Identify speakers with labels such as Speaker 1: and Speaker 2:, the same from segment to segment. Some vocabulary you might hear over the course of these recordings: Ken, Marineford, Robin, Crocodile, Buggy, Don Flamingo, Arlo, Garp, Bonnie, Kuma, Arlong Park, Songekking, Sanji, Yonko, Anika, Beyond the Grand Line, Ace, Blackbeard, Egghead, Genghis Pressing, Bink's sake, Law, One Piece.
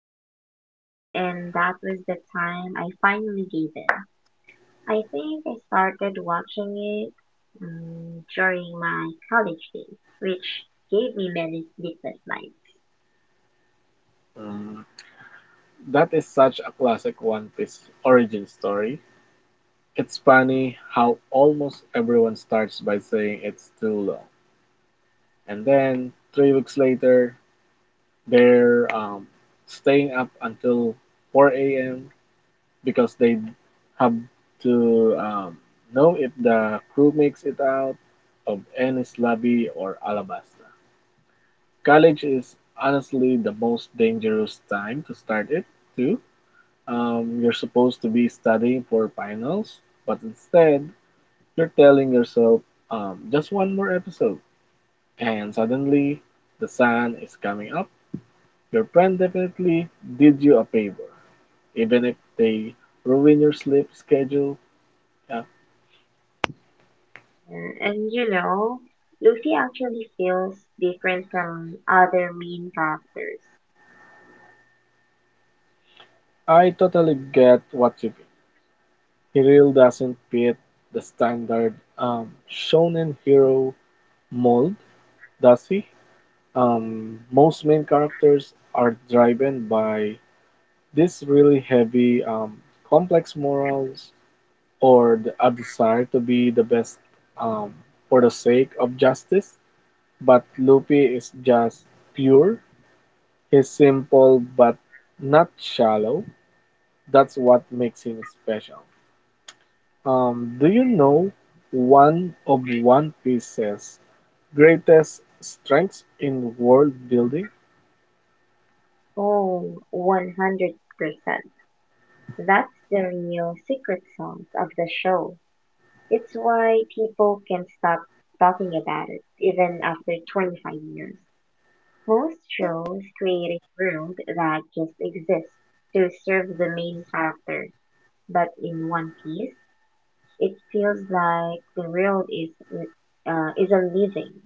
Speaker 1: curious, and that was the time I finally gave in. I think I started watching it during my college days, which gave me many sleepless nights.
Speaker 2: Mm, that is such a classic One Piece origin story. It's funny how almost everyone starts by saying it's too long. And then 3 weeks later, they're staying up until 4 a.m. because they have to know if the crew makes it out of any lobby or Alabasta. College is honestly the most dangerous time to start it, too. You're supposed to be studying for finals, but instead, you're telling yourself just one more episode, and suddenly the sun is coming up. Your friend definitely did you a favor, even if they ruin your sleep schedule. Yeah,
Speaker 1: And you know, Luffy actually feels different from other main characters.
Speaker 2: I totally get what you mean. He really doesn't fit the standard shonen hero mold, does he? Most main characters are driven by this really complex morals or a desire to be the best um, for the sake of justice. But Luffy is just pure. He's simple but not shallow. That's what makes him special. Do you know one of One Piece's greatest strengths in world building?
Speaker 1: Oh, 100%. That's the real secret sauce of the show. It's why people can't stop talking about it, even after 25 years. Most shows create a world that just exists to serve the main character, but in One Piece, it feels like the world is is a living,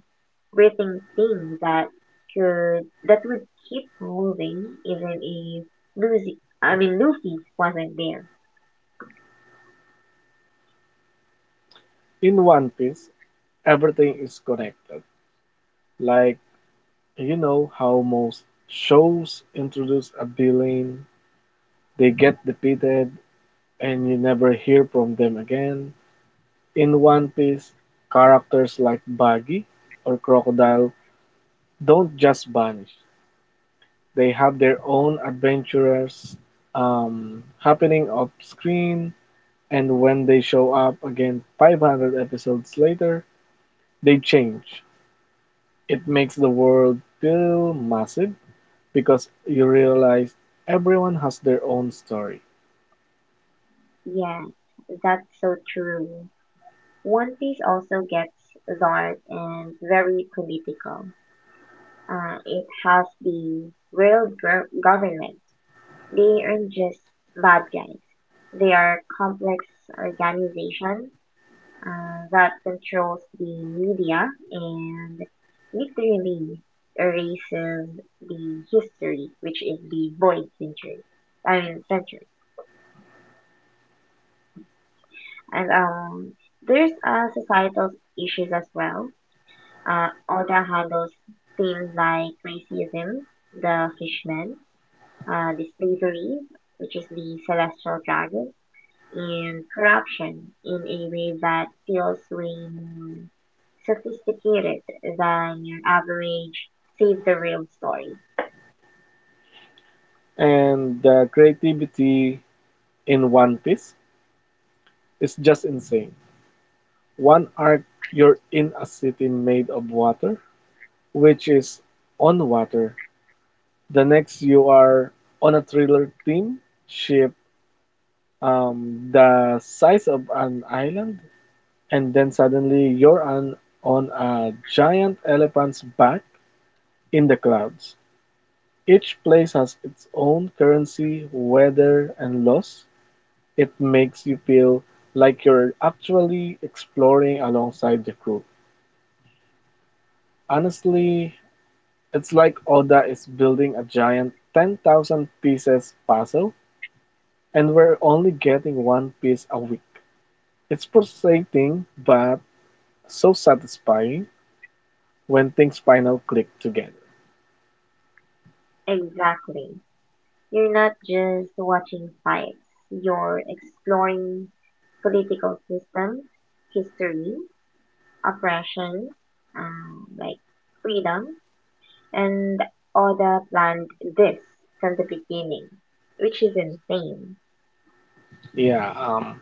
Speaker 1: breathing thing that could that would keep moving even if Lucy, I mean Luffy wasn't there.
Speaker 2: In One Piece, everything is connected. Like, you know how most shows introduce a villain, they get defeated, and you never hear from them again. In One Piece, characters like Buggy or Crocodile don't just vanish. They have their own adventures happening off screen, and when they show up again 500 episodes later, they change. It makes the world feel massive because you realize everyone has their own story.
Speaker 1: Yeah, that's so true. One Piece also gets dark and very political. It has the government. They aren't just bad guys. They are complex organizations that controls the media and literally erases the history, which is the void century. I mean century. And there's societal issues as well. Oda handles things like racism, the fishman, the slavery, which is the celestial dragon, and corruption in a way that feels way more sophisticated than your average save the real story.
Speaker 2: And the creativity in One Piece is just insane. One arc you're in a city made of water, which is on water. The next you are on a thriller theme ship the size of an island, and then suddenly you're on a giant elephant's back in the clouds. Each place has its own currency, weather, and laws. It makes you feel like you're actually exploring alongside the crew. Honestly, it's like Oda is building a giant 10,000 pieces puzzle, and we're only getting one piece a week. It's frustrating, but so satisfying when things finally click together.
Speaker 1: Exactly. You're not just watching fights, you're exploring political systems, history, oppression, like freedom, and all the planned this from the beginning, which is insane.
Speaker 2: Yeah,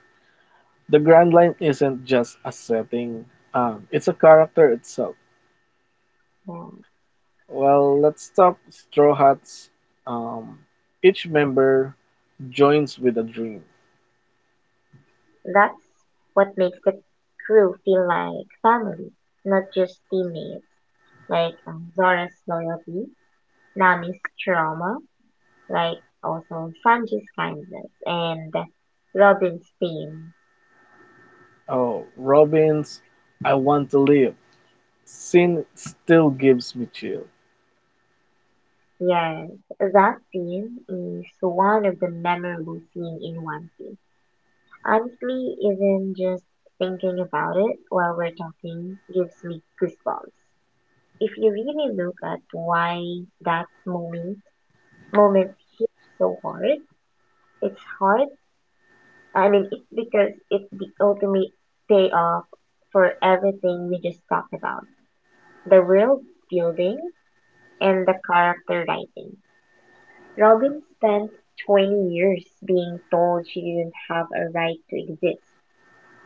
Speaker 2: the Grand Line isn't just a setting, it's a character itself.
Speaker 1: Yeah.
Speaker 2: Well, let's talk Straw Hats. Um, each member joins with a dream.
Speaker 1: That's what makes the crew feel like family, not just teammates. Like Zora's loyalty, Nami's trauma, like also Sanji's kindness, and Robin's pain.
Speaker 2: Oh, Robin's, I want to live. Sin still gives me chill.
Speaker 1: Yes, that scene is one of the memorable scenes in One Piece. Honestly, even just thinking about it while we're talking gives me goosebumps. If you really look at why that moment hit so hard, it's hard. I mean, it's because it's the ultimate payoff for everything we just talked about: the world building and the character writing. Robin spent 20 years being told she didn't have a right to exist.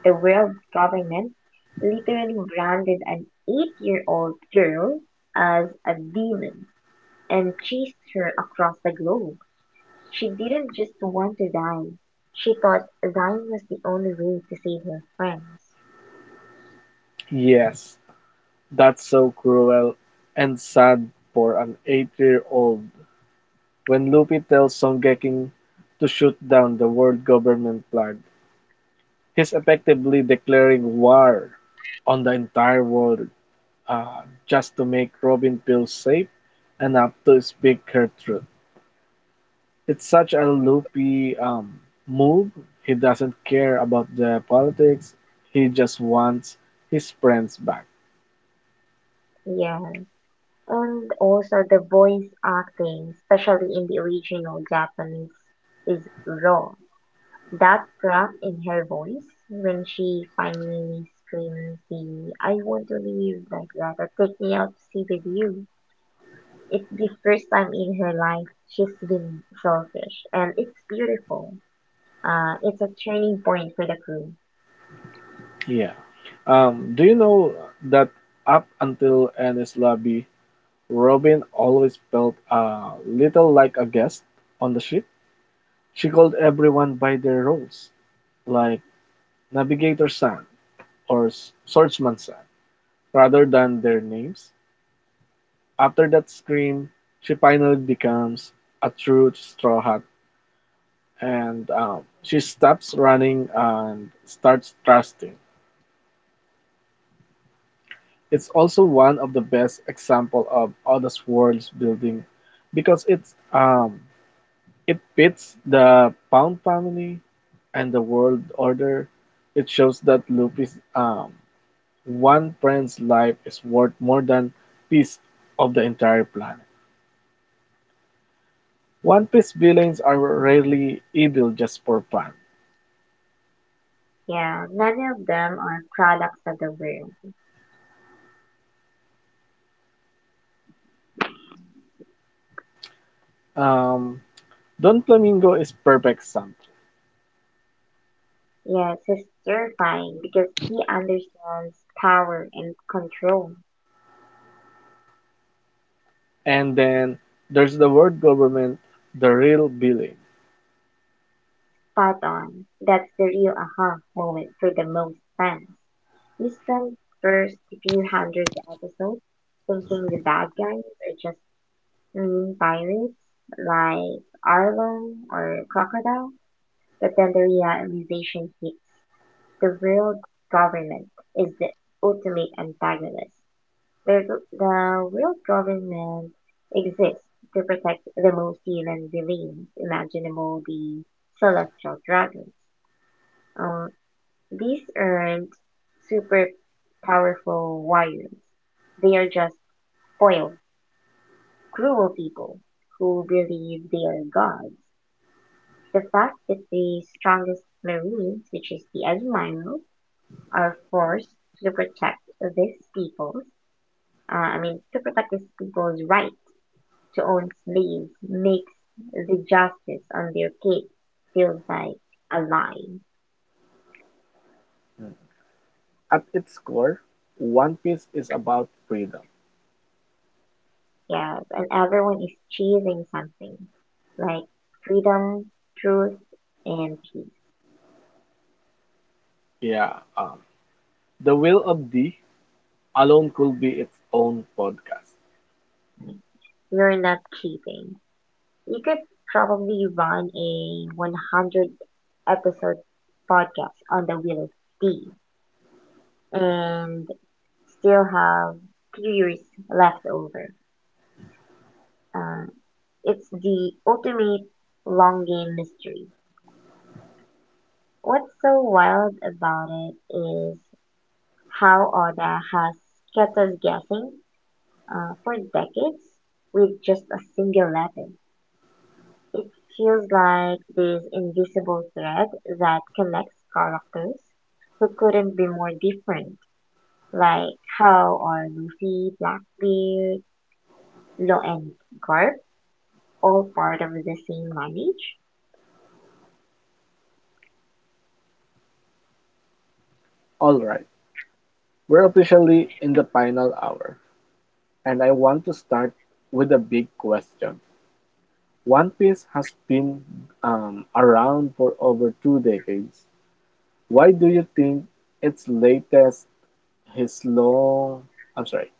Speaker 1: The world government literally branded an eight-year-old girl as a demon and chased her across the globe. She didn't just want to die. She thought dying was the only way to save her friends.
Speaker 2: Yes, that's so cruel and sad for an 8-year-old. When Luffy tells Songekking to shoot down the world government flag, he's effectively declaring war on the entire world, just to make Robin feel safe enough to speak her truth. It's such a loopy move. He doesn't care about the politics. He just wants his friends back.
Speaker 1: Yeah. And also the voice acting, especially in the original Japanese, is raw. That crack in her voice when she finally screams the I want to leave like that or take me out to see the view. It's the first time in her life she's been selfish and it's beautiful. It's a turning point for the crew.
Speaker 2: Yeah. Do you know that up until Annie's lobby, Robin always felt a little like a guest on the ship? She called everyone by their roles, like Navigator San or Swordsman San, rather than their names. After that scream, she finally becomes a true straw hat, and she stops running and starts trusting. It's also one of the best example of honest world building because it pits the Pound family and the world order. It shows that Luffy's one friend's life is worth more than piece of the entire planet. One Piece villains are rarely evil just for fun.
Speaker 1: Yeah, many of them are products of the world.
Speaker 2: Um, Don Flamingo is perfect example.
Speaker 1: Yes, he's terrifying because he understands power and control.
Speaker 2: And then there's the world government, the real villain.
Speaker 1: Spot on. That's the real aha moment for the most fans. We spent first few hundred episodes thinking the bad guys are just mean pirates like Arlo or Crocodile, but then the realization hits. The real government is the ultimate antagonist. The, the real government exists to protect the most human beings imaginable, the celestial dragons. Um, these aren't super powerful warriors. They are just spoiled, cruel people who believe they are gods. The fact that the strongest marines, which is the Admiral, are forced to protect these people's, these people's right to own slaves makes the justice on their case feels like a lie.
Speaker 2: At its core, One Piece is about freedom.
Speaker 1: Yeah, and everyone is chasing something like freedom, truth, and peace.
Speaker 2: Yeah, the will of D alone could be its own podcast.
Speaker 1: You're not cheating. You could probably run a 100 episode podcast on the Wheel of Steve and still have 2 years left over. Uh, it's the ultimate long game mystery. What's so wild about it is how Oda has kept us guessing for decades with just a single letter. It feels like this invisible thread that connects characters who couldn't be more different, like how are Luffy, Blackbeard, Law, and Garp all part of the same lineage?
Speaker 2: All right, we're officially in the final hour, and I want to start with a big question. One Piece has been around for over 2 decades. Why do you think its latest, his long, I'm sorry,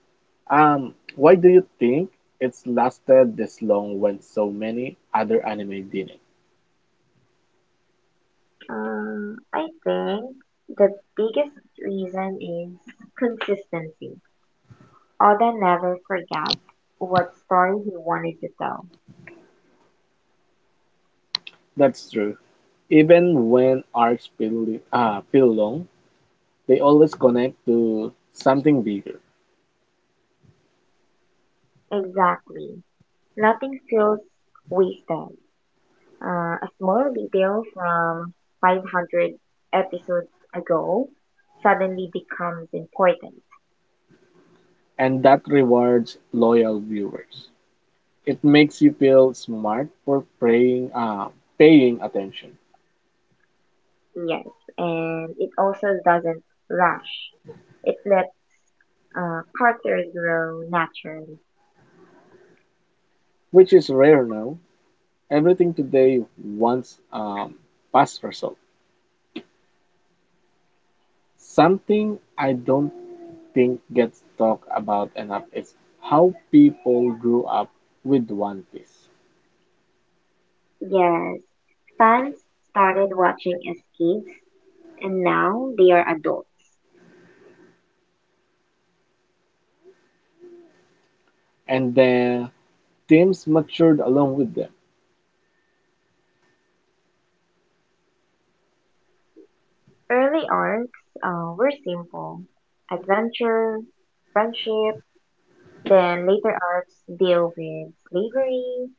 Speaker 2: why do you think it's lasted this long when so many other anime didn't?
Speaker 1: I think the biggest reason is consistency. Oda never forgot what story he wanted to tell.
Speaker 2: That's true. Even when arcs feel long, they always connect to something bigger,
Speaker 1: Exactly. Nothing feels wasted. A small detail from 500 episodes ago suddenly becomes important.
Speaker 2: and that rewards loyal viewers. It makes you feel smart for paying attention,
Speaker 1: Yes, and it also doesn't rush. It lets characters grow naturally.
Speaker 2: which is rare now. Everything today wants fast result. Something I don't think gets talked about enough is how people grew up with One Piece.
Speaker 1: Yes, fans started watching as kids, and now they are adults.
Speaker 2: And the. Teams matured along with them.
Speaker 1: Early arcs were simple adventure, friendship, then later arcs deal with slavery,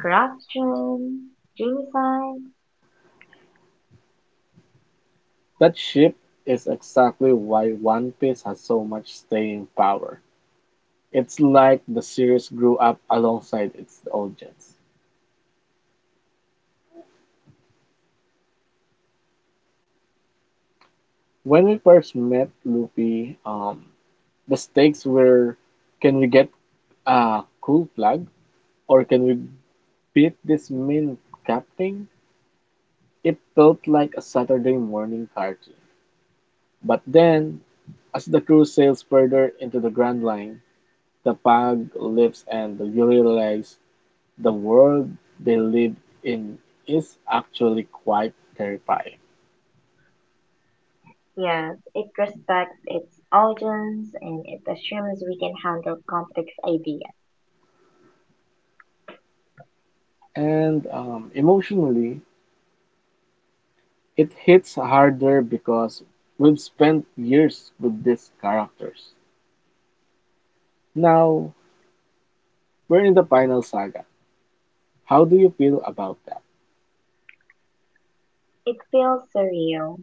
Speaker 1: corruption, genocide.
Speaker 2: That shift is exactly why One Piece has so much staying power. It's like the series grew up alongside its audience. When we first met Luffy, the stakes were can we get a cool plug or can we beat this mean captain? It felt like a Saturday morning cartoon. But then, as the crew sails further into the Grand Line, the pug lives and realizes the world they live in is actually quite terrifying.
Speaker 1: Yes, it respects its audience and it assumes we can handle complex ideas.
Speaker 2: And emotionally, it hits harder because we've spent years with these characters. Now, we're in the final saga. How do you feel about that?
Speaker 1: It feels surreal,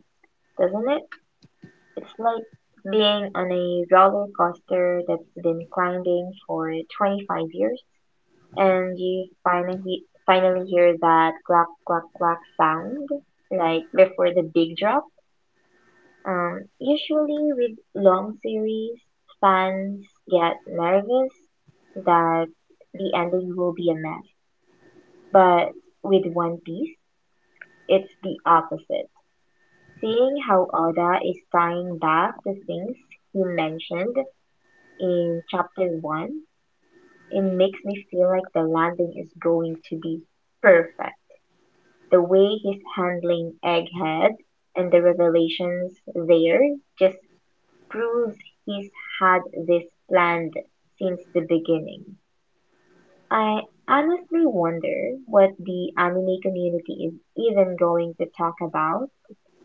Speaker 1: doesn't it? It's like being on a roller coaster that's been climbing for 25 years and you finally hear that clack clack clack sound like before the big drop. Usually with long series, fans get nervous that the ending will be a mess. But with One Piece, it's the opposite. Seeing how Oda is tying back the things he mentioned in chapter 1, it makes me feel like the landing is going to be perfect. The way he's handling Egghead and the revelations there just proves he's had this planned since the beginning. I honestly wonder what the anime community is even going to talk about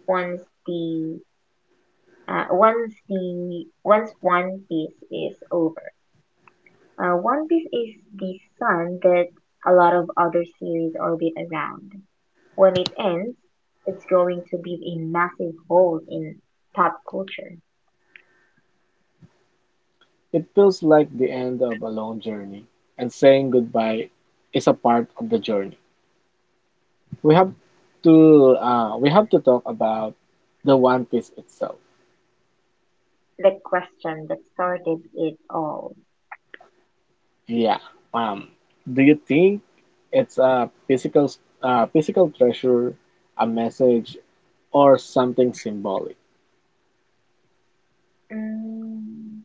Speaker 1: once the once One Piece is over. One Piece is the sun that a lot of other series orbit around. When it ends, it's going to leave a massive hole in pop culture.
Speaker 2: It feels like the end of a long journey, and saying goodbye is a part of the journey. We have we have to talk about the One Piece itself.
Speaker 1: The question that started it all.
Speaker 2: Yeah, um, do you think it's a physical treasure, a message, or something symbolic?
Speaker 1: Mm,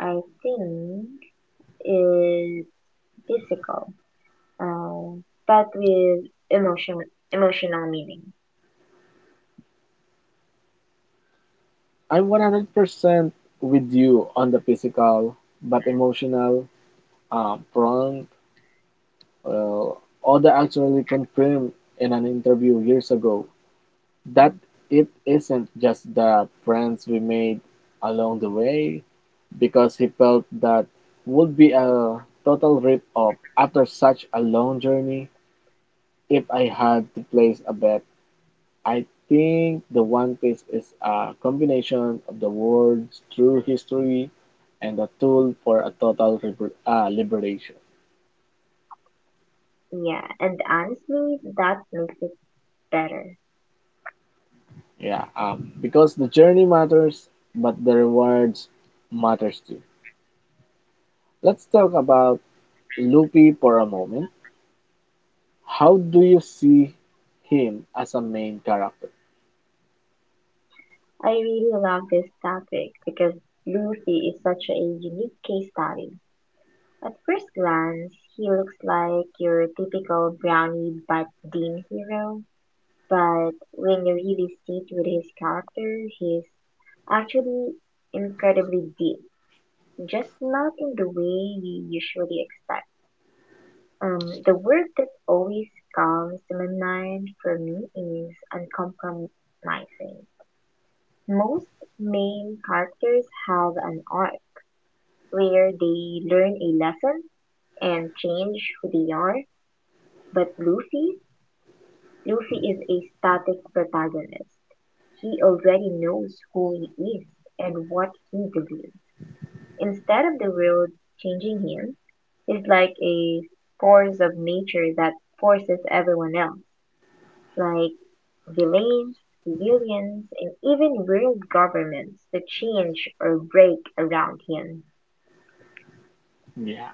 Speaker 1: I think is physical, uh, but with emotion, emotional meaning.
Speaker 2: I'm 100% with you on the physical, but emotional prompt. Well, Oda actually confirmed in an interview years ago that it isn't just the friends we made along the way, because he felt that would be a total rip off after such a long journey. If I had to place a bet, I think The One Piece is a combination of the world's true history and a tool for a total liberation.
Speaker 1: Yeah, and honestly, that makes it better.
Speaker 2: Yeah, because the journey matters, but the rewards matters too. Let's talk about Luffy for a moment. How do you see him as a main character?
Speaker 1: I really love this topic because Luffy is such a unique case study. At first glance, he looks like your typical brownie but dean hero, but when you really sit with his character, he's actually incredibly deep, just not in the way you usually expect. The word that always comes to my mind for me is uncompromising. Most main characters have an arc where they learn a lesson and change who they are, but Luffy is a static protagonist. He already knows who he is and what he believes. Instead of the world changing him, it's like a force of nature that forces everyone else. Like delays civilians and even world governments to change or break around him.
Speaker 2: Yeah.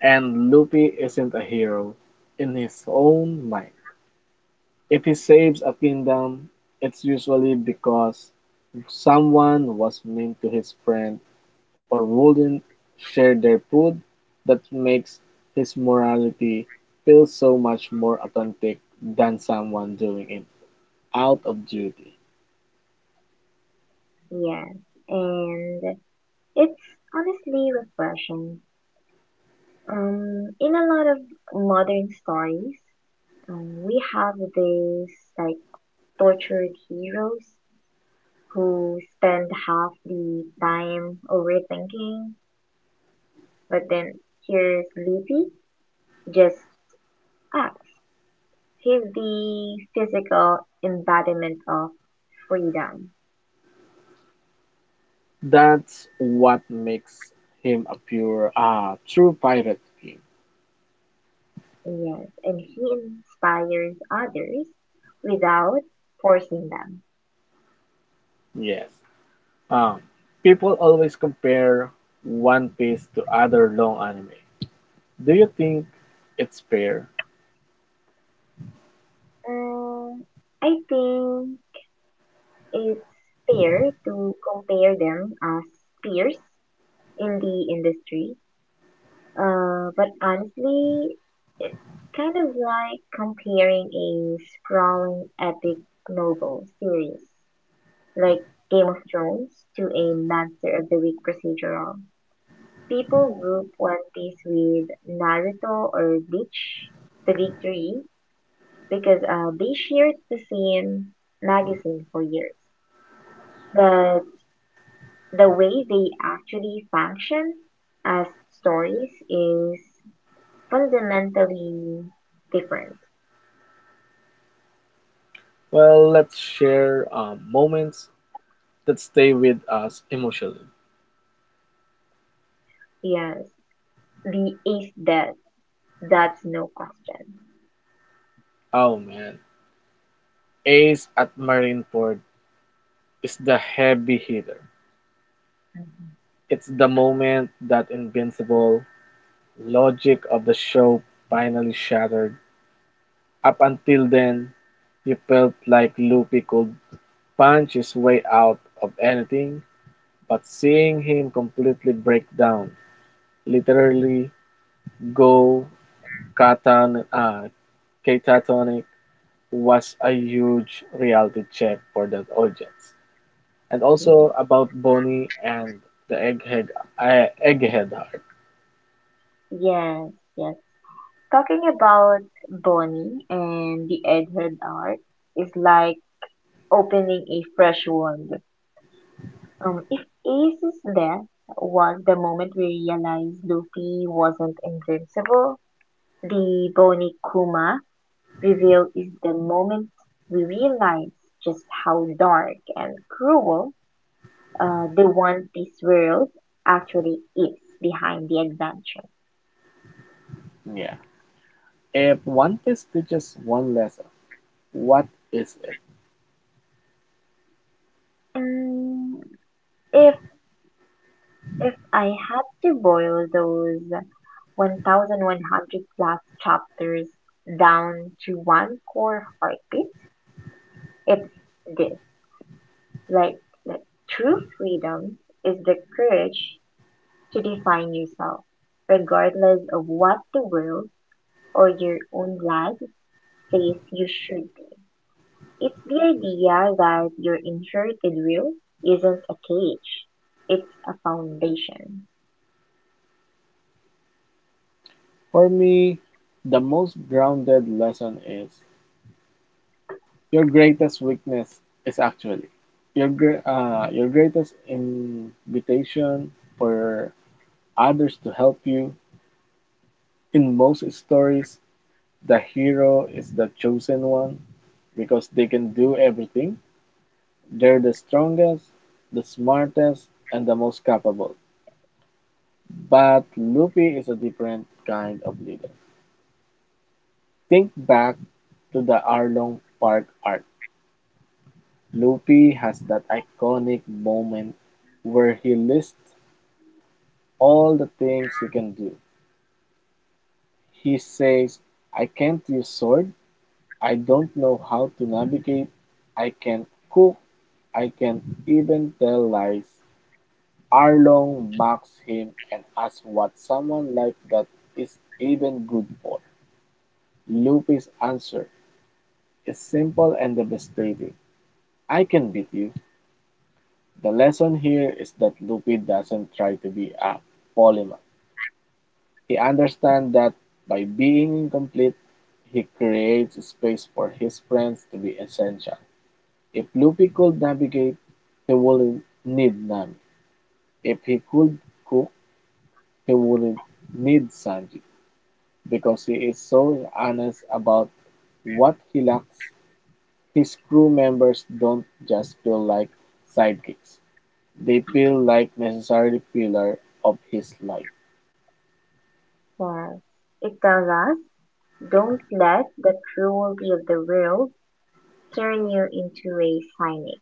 Speaker 2: And Luffy isn't a hero in his own mind. If he saves a kingdom, it's usually because someone was mean to his friend or wouldn't share their food. That makes his morality feel so much more authentic than someone doing it out of duty.
Speaker 1: Yes, and it's honestly refreshing. In a lot of modern stories, we have these like tortured heroes who spend half the time overthinking, but then here's Leafy just acts. He's the physical embodiment of freedom.
Speaker 2: That's what makes him a true pirate king.
Speaker 1: Yes, and he inspires others without forcing them.
Speaker 2: Yes. Um, People always compare One Piece to other long anime. Do you think it's fair?
Speaker 1: Um, I think it's fair to compare them as peers in the industry. But honestly, it's kind of like comparing a sprawling epic novel series like Game of Thrones to a Monster of the Week procedural. People group One Piece with Naruto or Bleach, the big three, because they shared the same magazine for years. But the way they actually function as stories is fundamentally different.
Speaker 2: Well, let's share moments that stay with us emotionally.
Speaker 1: Yes, the ace death, that's no question.
Speaker 2: Oh man, Ace at Marineford is the heavy hitter. It's the moment that invincible logic of the show finally shattered. Up until then, you felt like Luffy could punch his way out of anything, but seeing him completely break down, literally go katan, uh, catatonic, was a huge reality check for that audience. And also
Speaker 1: Yes,
Speaker 2: about Bonnie and the egghead heart.
Speaker 1: yes, yes. Talking about Bonnie and the Egghead art is like opening a fresh world. If Ace's death was the moment we realized Luffy wasn't invincible, the Bony Kuma reveal is the moment we realize just how dark and cruel the One Piece world actually is behind the adventure.
Speaker 2: Yeah. If one piece teaches one lesson, what is it?
Speaker 1: Mm, if If I had to boil those 1,100 plus chapters down to one core heartbeat, it's this. Like, like, true freedom is the courage to define yourself, regardless of what the world or your own life says you should be. It's the idea that your inherited will isn't a cage, it's a foundation.
Speaker 2: For me, the most grounded lesson is your greatest weakness is actually your your greatest invitation for others to help you. In most stories, the hero is the chosen one because they can do everything. They're the strongest, the smartest, and the most capable. But Luffy is a different kind of leader. Think back to the Arlong Park arc. Luffy has that iconic moment where he lists all the things he can do. He says, I can't use sword, I don't know how to navigate. I can cook. I can even tell lies. Arlong mocks him and asks what someone like that is even good for. Lupe's answer is simple and devastating. I can beat you. The lesson here is that Lupe doesn't try to be a polymath. He understands that by being incomplete, he creates space for his friends to be essential. If Luffy could navigate, he wouldn't need Nami. If he could cook, he wouldn't need Sanji. Because he is so honest about what he lacks, his crew members don't just feel like sidekicks. They feel like necessary pillar of his life.
Speaker 1: Yes, it tells us don't let the cruelty of the world turn you into a cynic.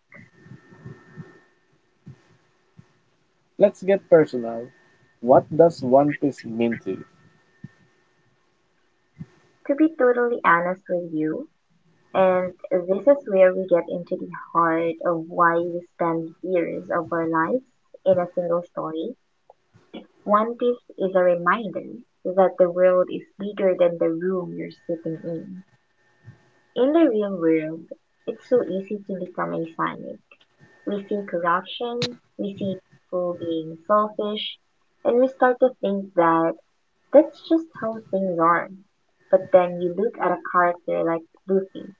Speaker 2: Let's get personal. What does One Piece mean to you?
Speaker 1: To be totally honest with you, and this is where we get into the heart of why we spend years of our lives in a single story, One Piece is a reminder that the world is bigger than the room you're sitting in. In the real world, it's so easy to become a cynic. We see corruption, we see people being selfish, and we start to think that that's just how things are. But then you look at a character like Luffy,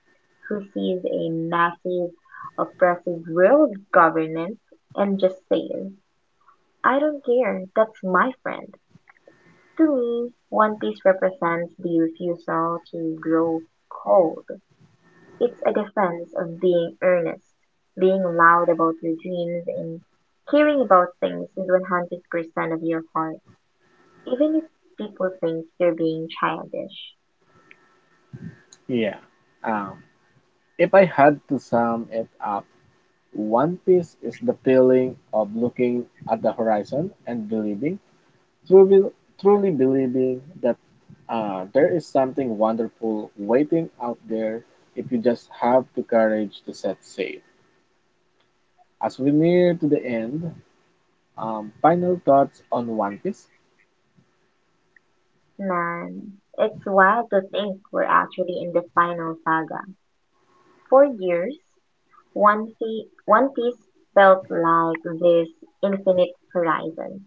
Speaker 1: who sees a massive, oppressive world government and just says, I don't care, that's my friend. To me, One Piece represents the refusal to grow cold. It's a defense of being earnest, being loud about your dreams, and caring about things with 100% of your heart, even if people think you're being childish.
Speaker 2: Yeah. Um, if I had to sum it up, One Piece is the feeling of looking at the horizon and believing, truly, truly believing that there is something wonderful waiting out there if you just have the courage to set sail. As we near to the end, final thoughts on One Piece.
Speaker 1: Man, it's wild to think we're actually in the final saga. For years, One Piece felt like this infinite horizon,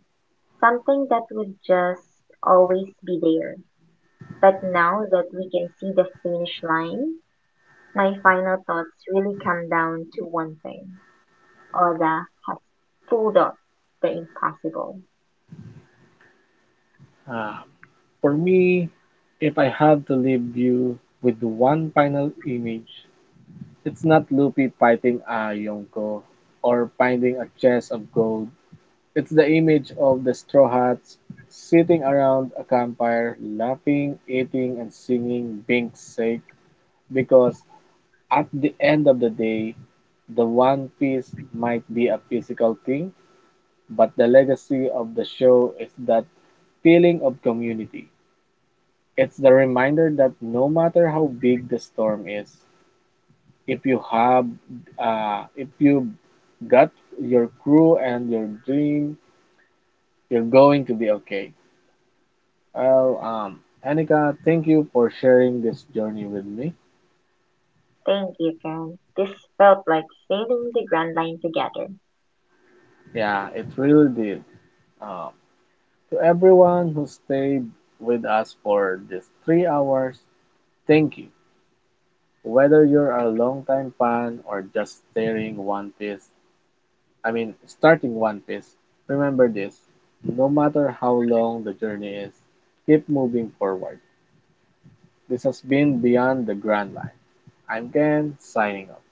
Speaker 1: something that would just always be there. But now that we can see the finish line, my final thoughts really come down to one thing. Oda has pulled off the impossible.
Speaker 2: Um, for me, if I have to leave you with one final image, it's not Luffy fighting a Yonko or finding a chest of gold. It's the image of the Straw Hats sitting around a campfire, laughing, eating, and singing Bink's sake, because at the end of the day, the One Piece might be a physical thing, but the legacy of the show is that feeling of community. It's the reminder that no matter how big the storm is, if you have, if you got your crew and your dream, you're going to be okay. Well, Anika, thank you for sharing this journey with me.
Speaker 1: Thank you, Ken. This felt like sailing the Grand Line together.
Speaker 2: Yeah, it really did. Um, to everyone who stayed with us for these 3 hours, thank you. Whether you're a longtime fan or just staring One Piece, I mean, starting One Piece, remember this. No matter how long the journey is, keep moving forward. This has been Beyond the Grand Line. I'm Ken, signing off.